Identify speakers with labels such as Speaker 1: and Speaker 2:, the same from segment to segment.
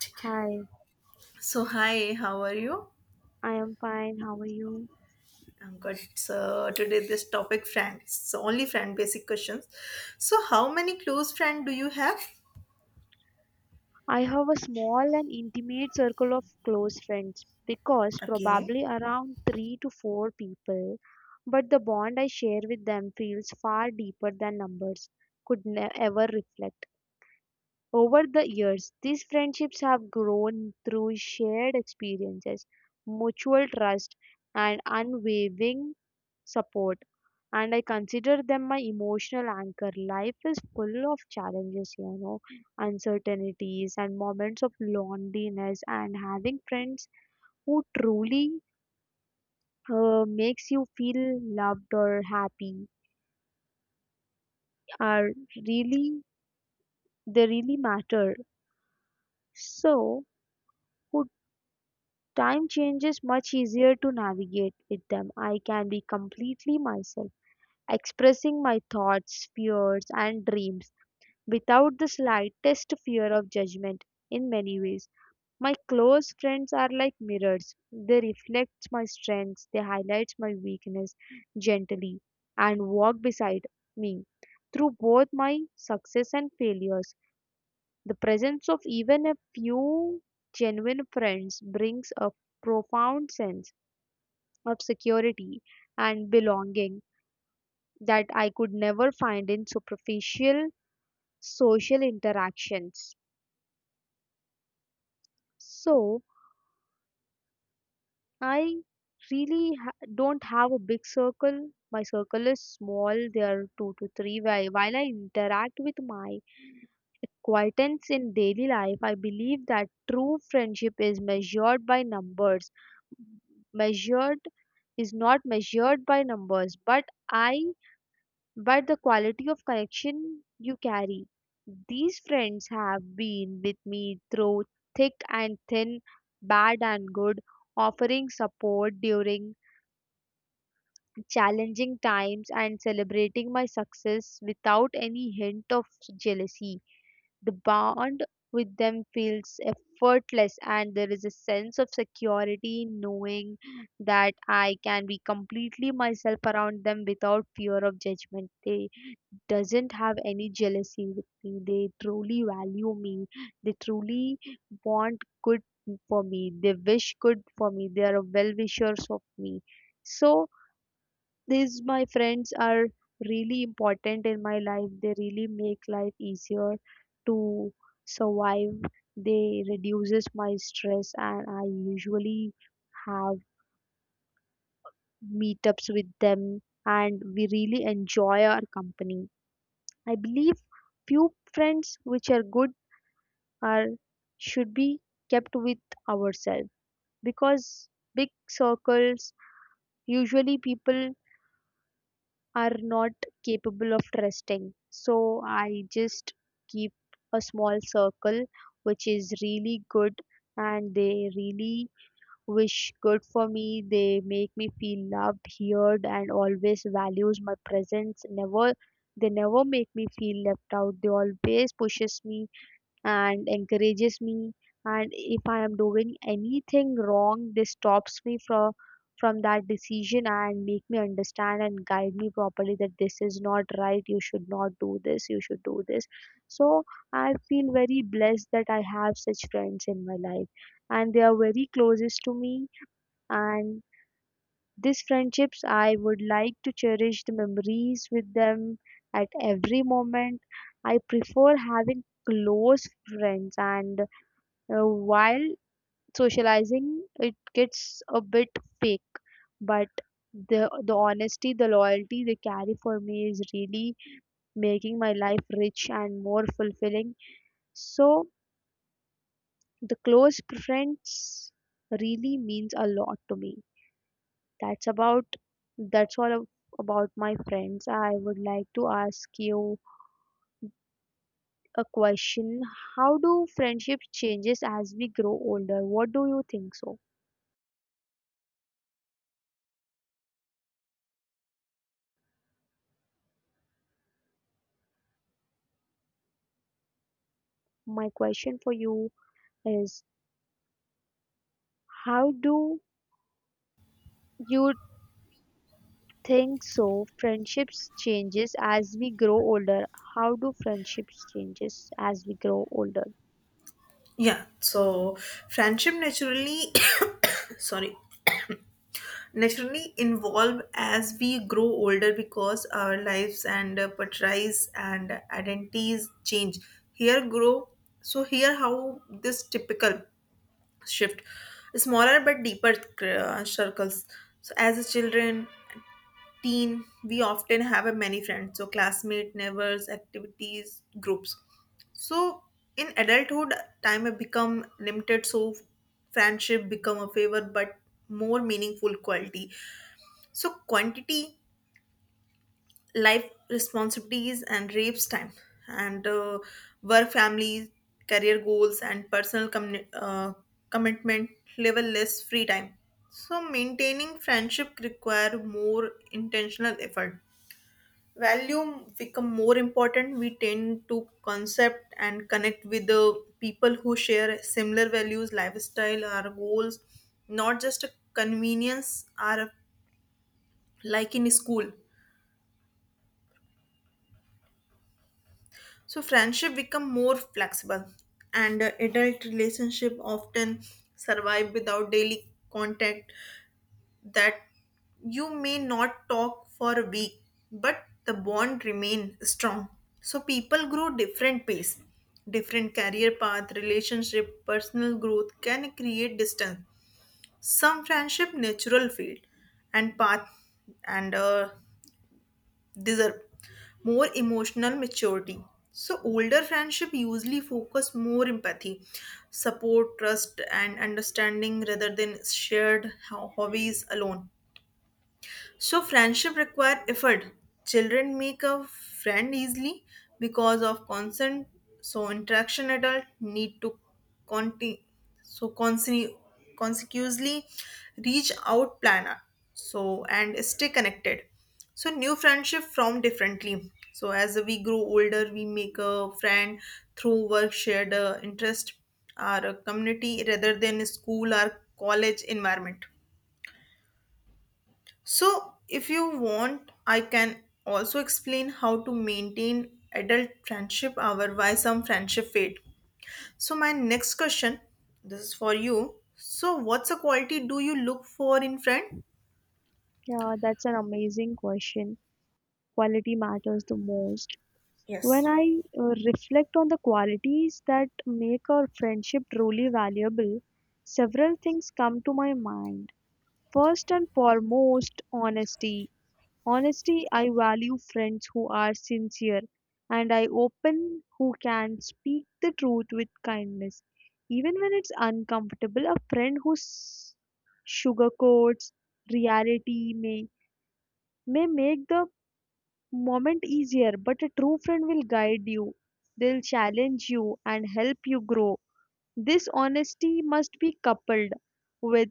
Speaker 1: ठीक है.
Speaker 2: Hi,
Speaker 1: So hi, how are you?
Speaker 2: I am fine. How are you?
Speaker 1: I'm good. So today this topic friends. So only friend basic questions. So how many close friend do you have?
Speaker 2: I have a small and intimate circle of close friends because
Speaker 1: Okay.
Speaker 2: probably around three to four people, but the bond I share with them feels far deeper than numbers ever reflect. Over the years, these friendships have grown through shared experiences, mutual trust, and unwavering support, and I consider them my emotional anchor. Life is full of challenges, uncertainties, and moments of loneliness, and having friends who truly makes you feel loved or happy are really they really matter. So, who time changes much easier to navigate with them. I can be completely myself, expressing my thoughts, fears, and dreams without the slightest fear of judgment in many ways. My close friends are like mirrors. They reflect my strengths, they highlight my weakness gently and walk beside me through both my success and failures. The presence of even a few genuine friends brings a profound sense of security and belonging that I could never find in superficial social interactions. So, I don't have a big circle. My circle is small. There are two to three. While I interact with my acquaintance in daily life, I believe that true friendship is measured by numbers. Measured is not measured by numbers, but I but the quality of connection you carry. These friends have been with me through thick and thin, bad and good, offering support during challenging times and celebrating my success without any hint of jealousy. The bond with them feels effortless, and there is a sense of security in knowing that I can be completely myself around them without fear of judgment. They doesn't have any jealousy with me. They truly value me. They truly want good for me. They wish good for me. They are well wishers of me. So these my friends are really important in my life. They really make life easier to survive. They reduces my stress and I usually have meetups with them and we really enjoy our company. I believe few friends which are good are should be kept with ourselves because big circles usually people are not capable of trusting. So I just keep a small circle which is really good and they really wish good for me. They make me feel loved, heard and always values my presence. Never they never make me feel left out. They always pushes me and encourages me, and if I am doing anything wrong this stops me from that decision and make me understand and guide me properly that this is not right, you should not do this, you should do this. So I feel very blessed that I have such friends in my life, and they are very closest to me, and these friendships I would like to cherish the memories with them at every moment. I prefer having close friends, and while socializing it gets a bit fake, but the honesty, the loyalty they carry for me is really making my life rich and more fulfilling. So the close friends really means a lot to me. That's about that's about my friends. I would like to ask you a question. How do friendships changes as we grow older? What do you think so? My question for you is how do you think so friendships changes as we grow older? How do friendships changes as we grow older?
Speaker 1: Yeah. So friendship naturally sorry naturally involve as we grow older because our lives and portrays and identities change. Here grow, so here how this typical shift, smaller but deeper circles. So as a children, teen, we often have a many friends, so classmate, neighbors, activities groups. So in adulthood, time have become limited, so friendship become a favor but more meaningful quality, so quantity. Life responsibilities and rapes time and work, family, career goals, and personal commitment level, less free time. So maintaining friendship require more intentional effort. Value become more important. We tend to concept and connect with the people who share similar values, lifestyle, our goals, not just a convenience or like in school. So friendship become more flexible, and adult relationship often survive without daily contact. That you may not talk for a week, but the bond remain strong. So people grow different pace, different career path, relationship, personal growth can create distance. Some friendship natural field and path, and deserve more emotional maturity. So, older friendship usually focus more empathy, support, trust, and understanding rather than shared hobbies alone. So friendship require effort. Children make a friend easily because of consent. So interaction adult need to conti- so consi- consecutively reach out planner. So and stay connected. So new friendship form differently. So as we grow older, we make a friend through work, shared interest, our community rather than school or college environment. So, if you want, I can also explain how to maintain adult friendship or why some friendship fade. So, my next question, this is for you. So, what's a quality do you look for in friend?
Speaker 2: Yeah, that's an amazing question. Quality matters the most. When
Speaker 1: Yes.
Speaker 2: I reflect on the qualities that make a friendship truly valuable, several things come to my mind. First and foremost, honesty. Honesty, I value friends who are sincere and I open who can speak the truth with kindness. Even when it's uncomfortable, a friend sugarcoats reality may make the moment easier, but a true friend will guide you. They'll challenge you and help you grow. This honesty must be coupled with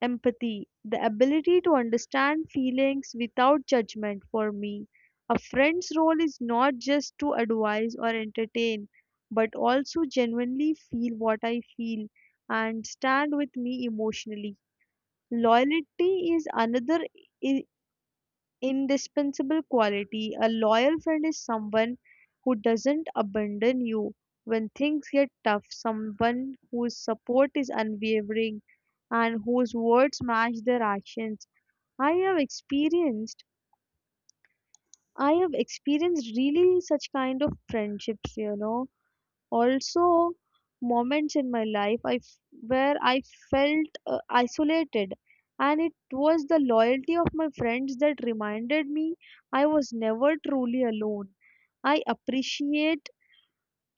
Speaker 2: empathy, the ability to understand feelings without judgment for me. A friend's role is not just to advise or entertain, but also genuinely feel what I feel and stand with me emotionally. Loyalty is another i- indispensable quality. A loyal friend is someone who doesn't abandon you when things get tough, someone whose support is unwavering and whose words match their actions. I have experienced I have experienced really such kind of friendships, you know, also moments in my life where I felt isolated, and it was the loyalty of my friends that reminded me I was never truly alone. I appreciate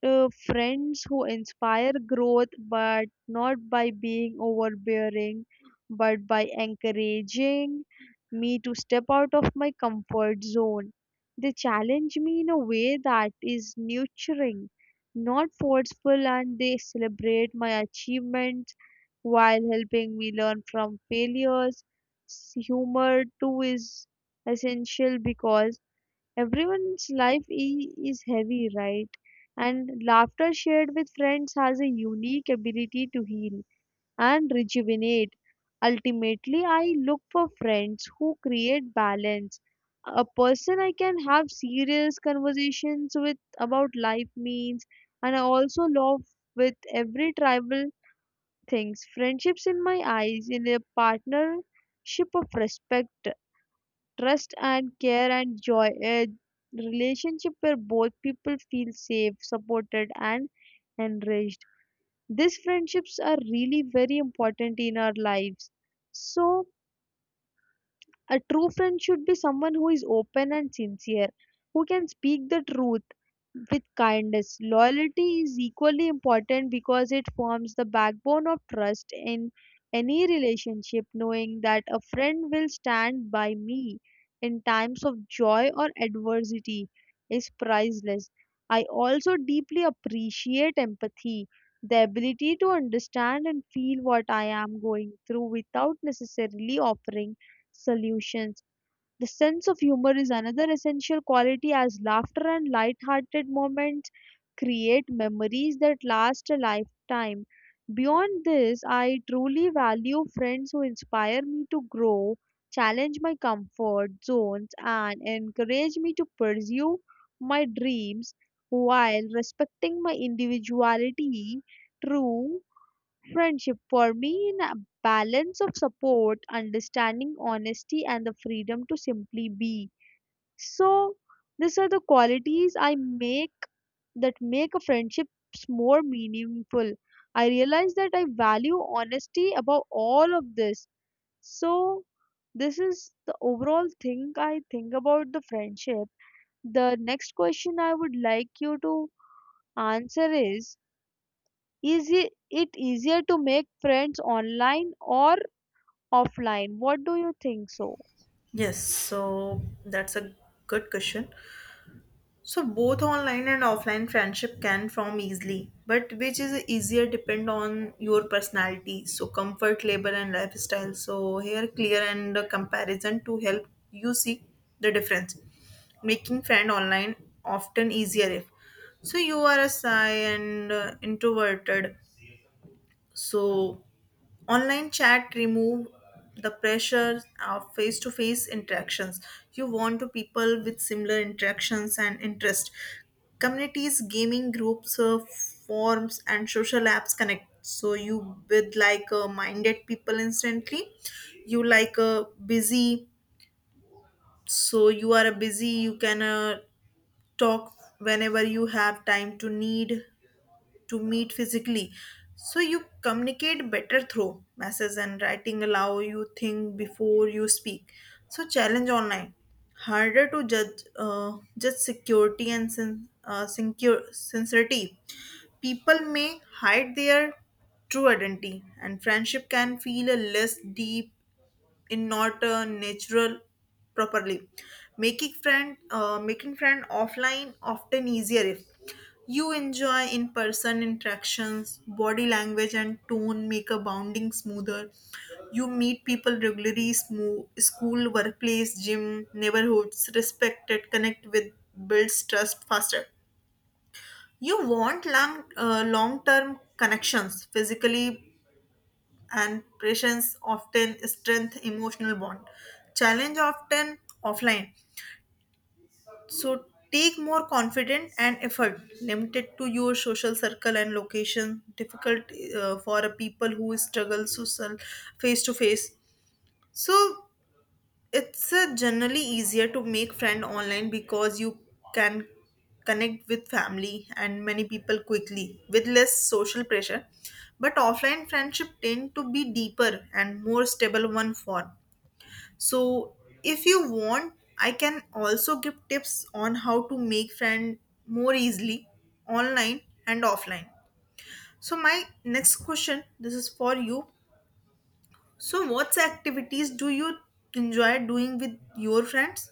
Speaker 2: friends who inspire growth, but not by being overbearing, but by encouraging me to step out of my comfort zone. They challenge me in a way that is nurturing, not forceful, and they celebrate my achievements while helping me learn from failures. Humor, too, is essential because everyone's life is heavy, right? And laughter shared with friends has a unique ability to heal and rejuvenate. Ultimately, I look for friends who create balance. A person I can have serious conversations with about life means, and I also love with every tribal things. Friendships in my eyes in a partnership of respect, trust and care and joy, a relationship where both people feel safe, supported and enriched. These friendships are really very important in our lives. So a true friend should be someone who is open and sincere, who can speak the truth with kindness. Loyalty is equally important because it forms the backbone of trust in any relationship, knowing that a friend will stand by me in times of joy or adversity is priceless. I also deeply appreciate empathy, the ability to understand and feel what I am going through without necessarily offering solutions. The sense of humor is another essential quality as laughter and light-hearted moments create memories that last a lifetime. Beyond this, I truly value friends who inspire me to grow, challenge my comfort zones, and encourage me to pursue my dreams while respecting my individuality. True friendship for me in a balance of support, understanding, honesty and the freedom to simply be. So these are the qualities I make that make a friendships more meaningful. I realize that I value honesty above all of this. So this is the overall thing I think about the friendship. The next question I would like you to answer is it it easier to make friends online or offline. What do you think so?
Speaker 1: Yes, so that's a good question. So both online and offline friendship can form easily, but which is easier depend on your personality, so comfort, labor, and lifestyle. So here clear and the comparison to help you see the difference. Making friend online often easier if so you are a shy and introverted. So online chat remove the pressure of face-to-face interactions. You want to people with similar interactions and interest. Communities, gaming groups, forums, and social apps connect. So you with like minded people instantly. You like busy, so you are a busy. You can talk whenever you have time, to need to meet physically. So you communicate better through messages, and writing allow you think before you speak. So challenge online, harder to judge judge security and sincerity. People may hide their true identity, and friendship can feel a less deep in, not natural properly. Making friend offline often easier if you enjoy in person interactions, body language and tone make a bonding smoother. You meet people regularly, school, workplace, gym, neighborhoods, respected connect with, builds trust faster. You want long term connections physically, and patience often strengthen emotional bond. Challenge often offline. So take more confident and effort, limited to your social circle and location, difficult for a people who struggle social face to face. So it's generally easier to make friend online because you can connect with family and many people quickly with less social pressure. But offline friendship tend to be deeper and more stable one form. So if you want, I can also give tips on how to make friend more easily online and offline. So my next question, this is for you. So what activities do you enjoy doing with your friends?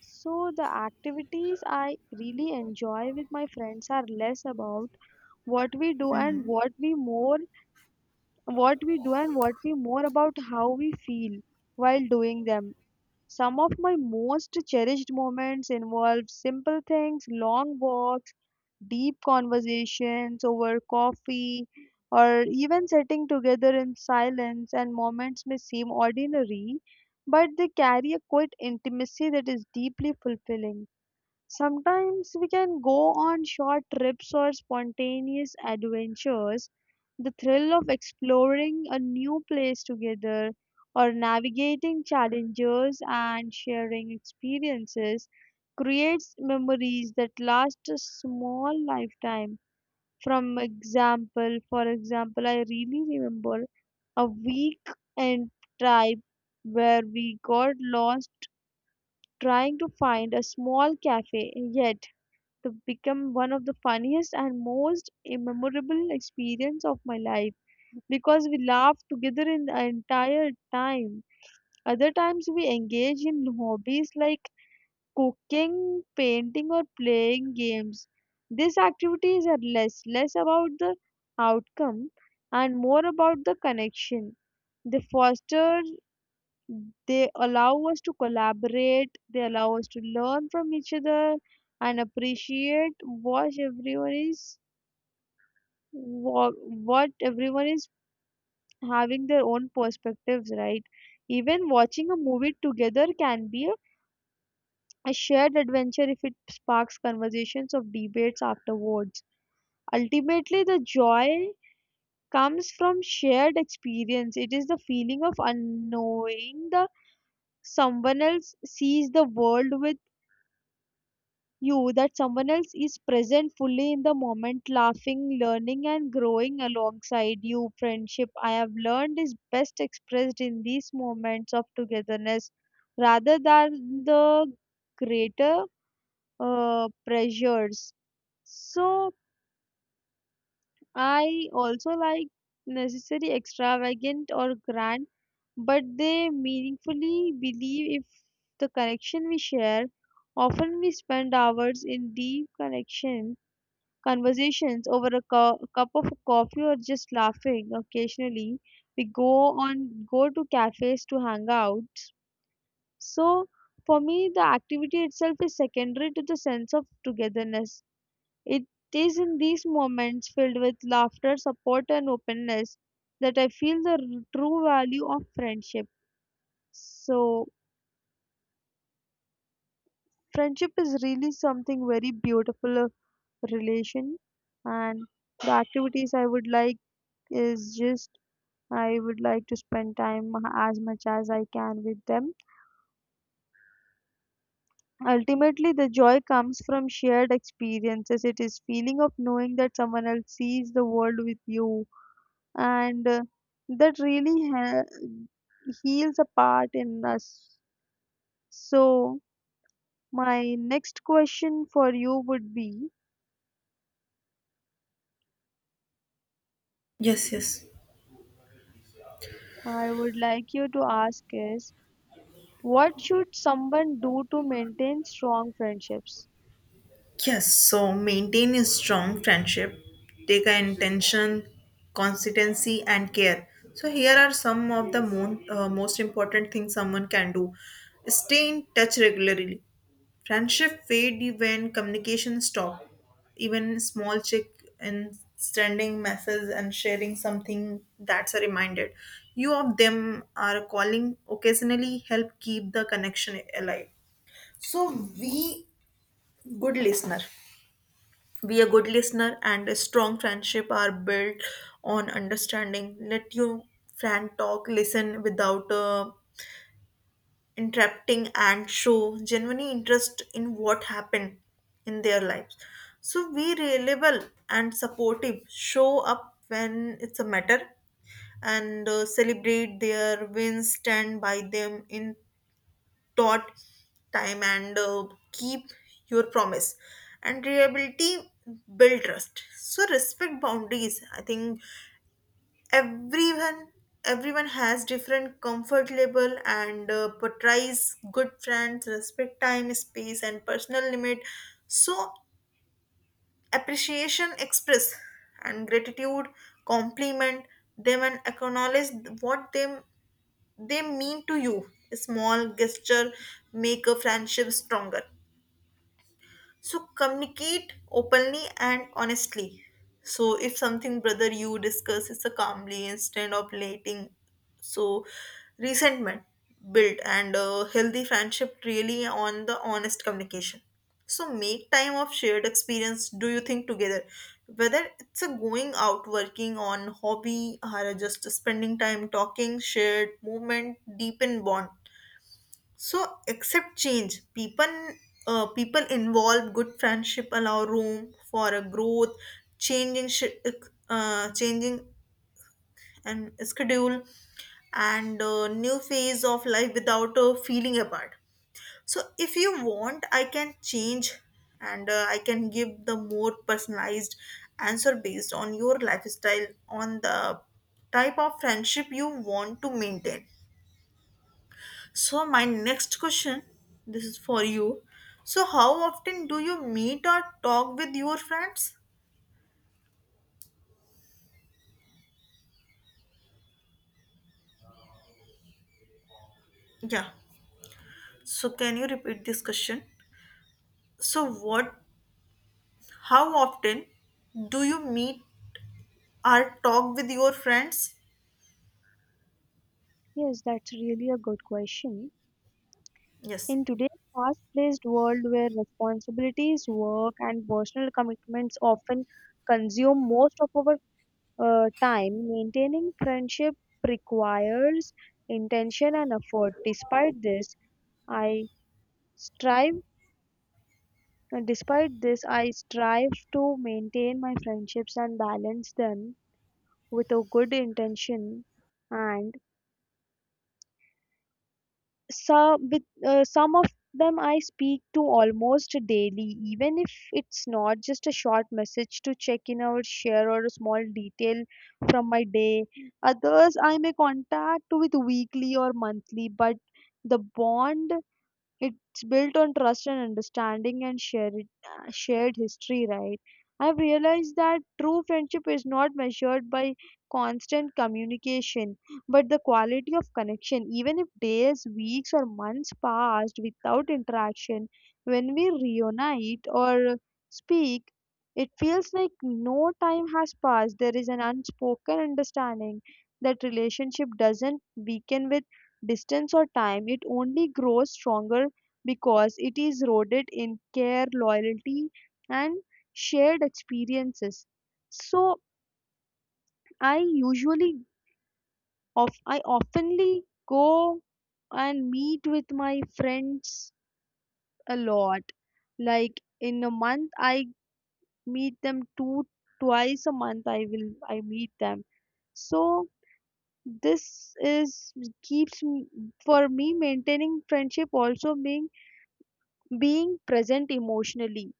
Speaker 2: So the activities I really enjoy with my friends are less about what we do and
Speaker 1: Mhm.
Speaker 2: what we more what we do and what we more about how we feel while doing them. Some of my most cherished moments involve simple things, long walks, deep conversations over coffee, or even sitting together in silence. And moments may seem ordinary, but they carry a quiet intimacy that is deeply fulfilling. Sometimes we can go on short trips or spontaneous adventures. The thrill of exploring a new place together or navigating challenges and sharing experiences creates memories that last a small lifetime. For example, I really remember a week in tribe where we got lost trying to find a small cafe. Yet to become one of the funniest and most memorable experience of my life because we laughed together in the entire time. Other times we engage in hobbies like cooking, painting or playing games. These activities are less about the outcome and more about the connection. They foster they allow us to collaborate, they allow us to learn from each other and appreciate what everyone is what everyone is having their own perspectives, right? Even watching a movie together can be a shared adventure if it sparks conversations of debates afterwards. Ultimately, the joy comes from shared experience. It is the feeling of unknowing the someone else sees the world with you, that someone else is present fully in the moment, laughing, learning, and growing alongside you. Friendship, I have learned, is best expressed in these moments of togetherness rather than the greater pressures. So, I also like necessary extravagant or grand, but they meaningfully believe if the connection we share. Often we spend hours in deep connection conversations over a cup of coffee or just laughing occasionally. We go on go to cafes to hang out. So for me, the activity itself is secondary to the sense of togetherness. It is in these moments filled with laughter, support, and openness that I feel the true value of friendship. So friendship is really something very beautiful relation, and the activities I would like is just I would like to spend time as much as I can with them. Ultimately, the joy comes from shared experiences. It is feeling of knowing that someone else sees the world with you, and that really heals a part in us. So, my next question for you would be:
Speaker 1: Yes, yes.
Speaker 2: I would like you to ask is, what should someone do to maintain strong friendships?
Speaker 1: Yes, so maintain a strong friendship, take an intention, consistency, and care. So, here are some of the most important things someone can do. Stay in touch regularly. Friendship fade when communication stop. Even small check in, sending messages and sharing something that's a reminder. You of them are calling occasionally help keep the connection alive. So we good listener. Be a good listener, and a strong friendship are built on understanding. Let your friend talk, listen without interrupting, and show genuine interest in what happened in their lives. So be reliable and supportive. Show up when it's a matter, and celebrate their wins, stand by them in dot time, and keep your promise, and reliability build trust. So respect boundaries. I think everyone everyone has different comfort level and portrays. Good friends respect time, space, and personal limit. So appreciation, express and gratitude, compliment them, and acknowledge what them they mean to you. A small gesture make a friendship stronger. So communicate openly and honestly. So if something brother you, discuss is a calmly instead of letting so resentment build, and a healthy friendship really on the honest communication. So make time of shared experience, do you think together, whether it's a going out, working on hobby, or just spending time talking. Shared moment deepen bond. So accept change. People, people involved, good friendship allow room for a growth, changing, sh- changing and schedule, and new phase of life without feeling apart. So if you want, I can change, and I can give the more personalized answer based on your lifestyle, on the type of friendship you want to maintain. So, my next question, this is for you. So, how often do you meet or talk with your friends? Yeah. So, can you repeat this question? So, what, how often do you meet or talk with your friends?
Speaker 2: Yes, that's really a good question.
Speaker 1: Yes.
Speaker 2: In today's fast paced world where responsibilities, work, and personal commitments often consume most of our time, maintaining friendship requires intention and effort. I strive despite this, I strive to maintain my friendships and balance them with a good intention and some of them I speak to almost daily, even if it's not just a short message to check in or share or a small detail from my day. Others I may contact with weekly or monthly, but the bond it's built on trust and understanding and shared history, right? I've realized that true friendship is not measured by constant communication, but the quality of connection. Even if days, weeks, or months passed without interaction, when we reunite or speak, it feels like no time has passed. There is an unspoken understanding that relationship doesn't weaken with distance or time, it only grows stronger because it is rooted in care, loyalty, and shared experiences. So I usually of I oftenly go and meet with my friends a lot. Like in a month I meet them two twice a month I meet them. So this is keeps me for me maintaining friendship also being present emotionally,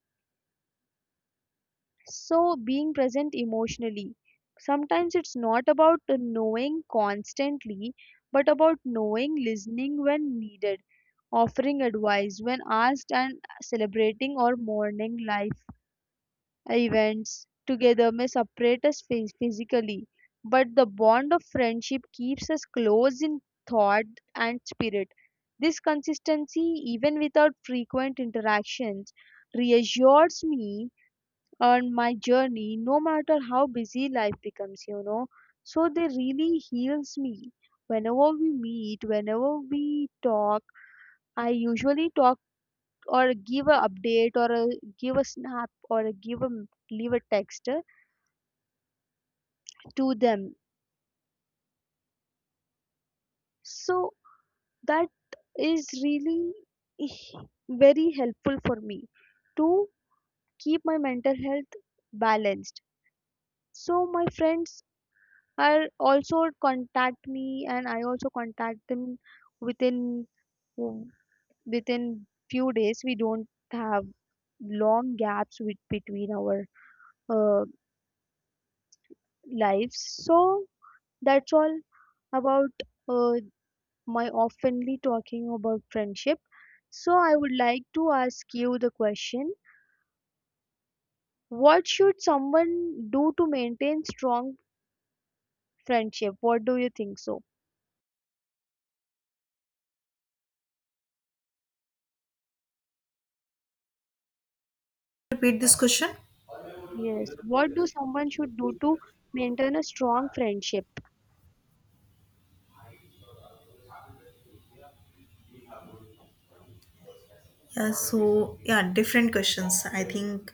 Speaker 2: so being present emotionally sometimes it's not about knowing constantly but about knowing, listening when needed, offering advice when asked, and celebrating or mourning life events together may separate us physically, but the bond of friendship keeps us close in thought and spirit. This consistency, even without frequent interactions, reassures me on my journey, no matter how busy life becomes, you know. So they really heals me. Whenever we meet, whenever we talk, I usually talk or give a update or a, give a snap or a give a leave a text to them. So that is really eh, very helpful for me to keep my mental health balanced. So my friends are also contact me and I also contact them within within few days. We don't have long gaps with, between our uh, lives, so that's all about uh, my oftenly talking about friendship. So I would like to ask you the question, what should someone do to maintain strong friendship, what do you think so?
Speaker 1: Repeat this question.
Speaker 2: Yes. What do someone should do to maintain a strong friendship?
Speaker 1: Yeah, so yeah, different questions. I think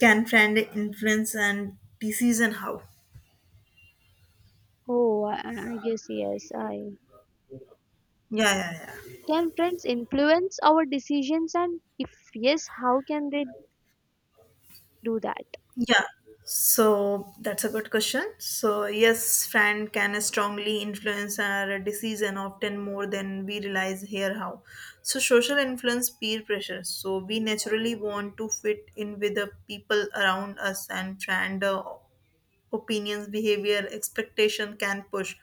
Speaker 1: can friend influence and disease and how?
Speaker 2: Oh, I guess yes. I
Speaker 1: Yeah, yeah, yeah.
Speaker 2: can friends influence our decisions, and if yes, how can they do that?
Speaker 1: Yeah, so that's a good question. So, yes, friend can strongly influence our decision often more than we realize here how. So, social influence, peer pressure. So, we naturally want to fit in with the people around us, and friend opinions, behavior, expectation can push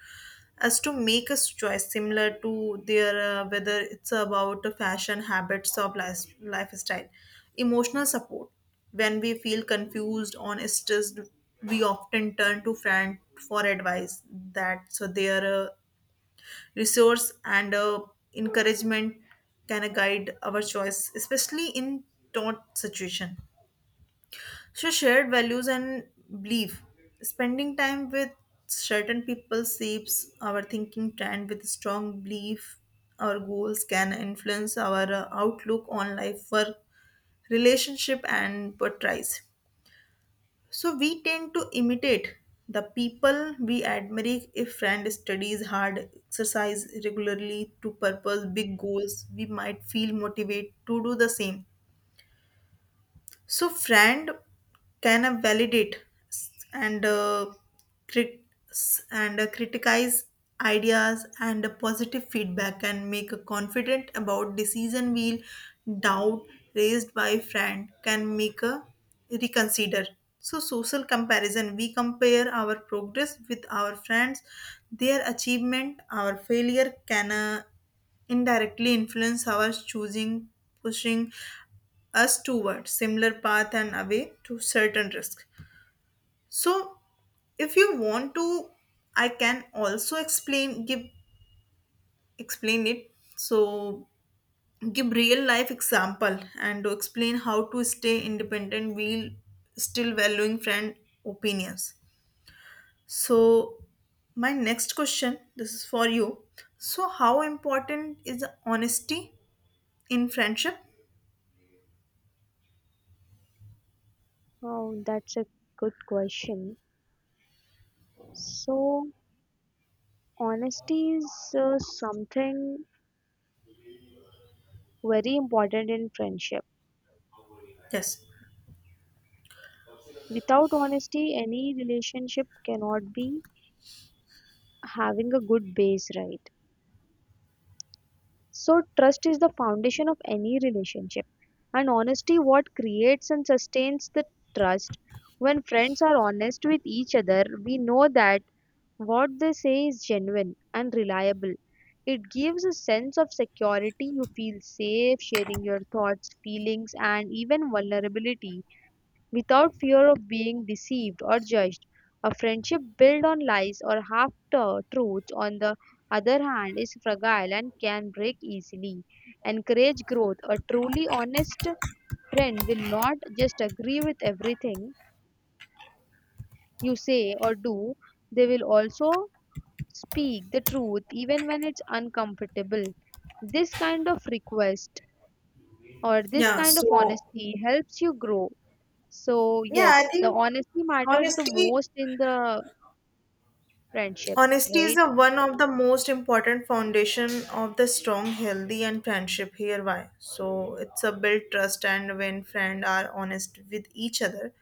Speaker 1: us to make a choice similar to their whether it's about the fashion habits of life, lifestyle. Emotional support. When we feel confused on stressed, we often turn to friend for advice. That so their resource and encouragement can guide our choice, especially in taut situation. So shared values and belief. Spending time with certain people shapes our thinking trend with strong belief. Our goals can influence our outlook on life, work, relationship, and portrays. So we tend to imitate the people we admire. If friend studies hard, exercise regularly to purpose big goals, we might feel motivated to do the same. So, friend can validate s- and crit- s- and criticize ideas, and a positive feedback can make a confident about decision wheel. Doubt raised by friend can make a reconsider. So social comparison, we compare our progress with our friends. Their achievement, our failure can indirectly influence our choosing, pushing us toward similar path and away to certain risk. So if you want to, I can also explain, give explain it. So give real life example and to explain how to stay independent while still valuing friend opinions. So my next question, this is for you. So how important is honesty in friendship?
Speaker 2: Oh, that's a good question. So honesty is something very important in friendship.
Speaker 1: Yes.
Speaker 2: Without honesty, any relationship cannot be having a good base, right? So, trust is the foundation of any relationship, and honesty what creates and sustains the trust. When friends are honest with each other, we know that what they say is genuine and reliable. It gives a sense of security. You feel safe sharing your thoughts, feelings, and even vulnerability without fear of being deceived or judged. A friendship built on lies or truths, on the other hand, is fragile and can break easily. Encourage growth. A truly honest friend will not just agree with everything you say or do, they will also speak the truth even when it's uncomfortable. This kind of request this
Speaker 1: Yeah.
Speaker 2: kind of
Speaker 1: So,
Speaker 2: honesty helps you grow. So
Speaker 1: yeah, I
Speaker 2: yes, the
Speaker 1: think
Speaker 2: honesty matters the
Speaker 1: honesty
Speaker 2: most in the friendship,
Speaker 1: honesty is
Speaker 2: right?
Speaker 1: the one of the most important foundation of the strong, healthy, and friendship. Here, why? So it's a build trust, and when friends are honest with each other,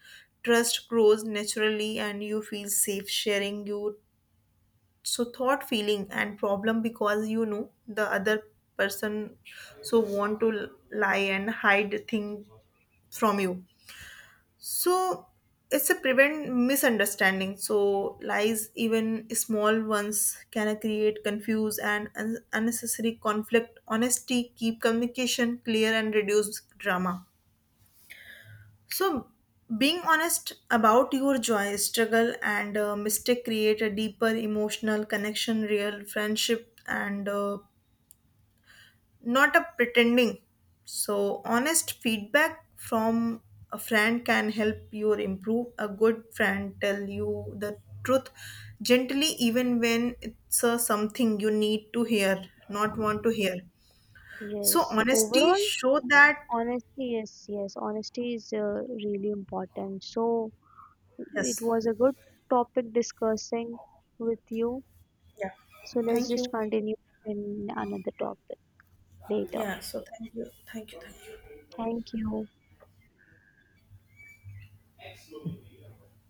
Speaker 1: trust grows naturally, and you feel safe sharing you so thought, feeling, and problem because you know the other person so want to lie and hide thing from you. So it's a prevent misunderstanding. So lies, even small ones, can create confuse and unnecessary conflict. Honesty keep communication clear and reduce drama. So being honest about your joy, struggle, and mistake create a deeper emotional connection, real friendship, and not a pretending. So, honest feedback from a friend can help you improve. A good friend tell you the truth gently, even when it's something you need to hear, not want to hear. So,
Speaker 2: Yes.
Speaker 1: honesty
Speaker 2: Overall,
Speaker 1: show that
Speaker 2: honesty, yes, yes, honesty is really important. So it
Speaker 1: yes.
Speaker 2: was a good topic discussing with you.
Speaker 1: Yeah.
Speaker 2: So let's
Speaker 1: Thank
Speaker 2: just
Speaker 1: you.
Speaker 2: continue in another topic later.
Speaker 1: Yeah, so thank you. Thank you. Thank you.
Speaker 2: Thank you.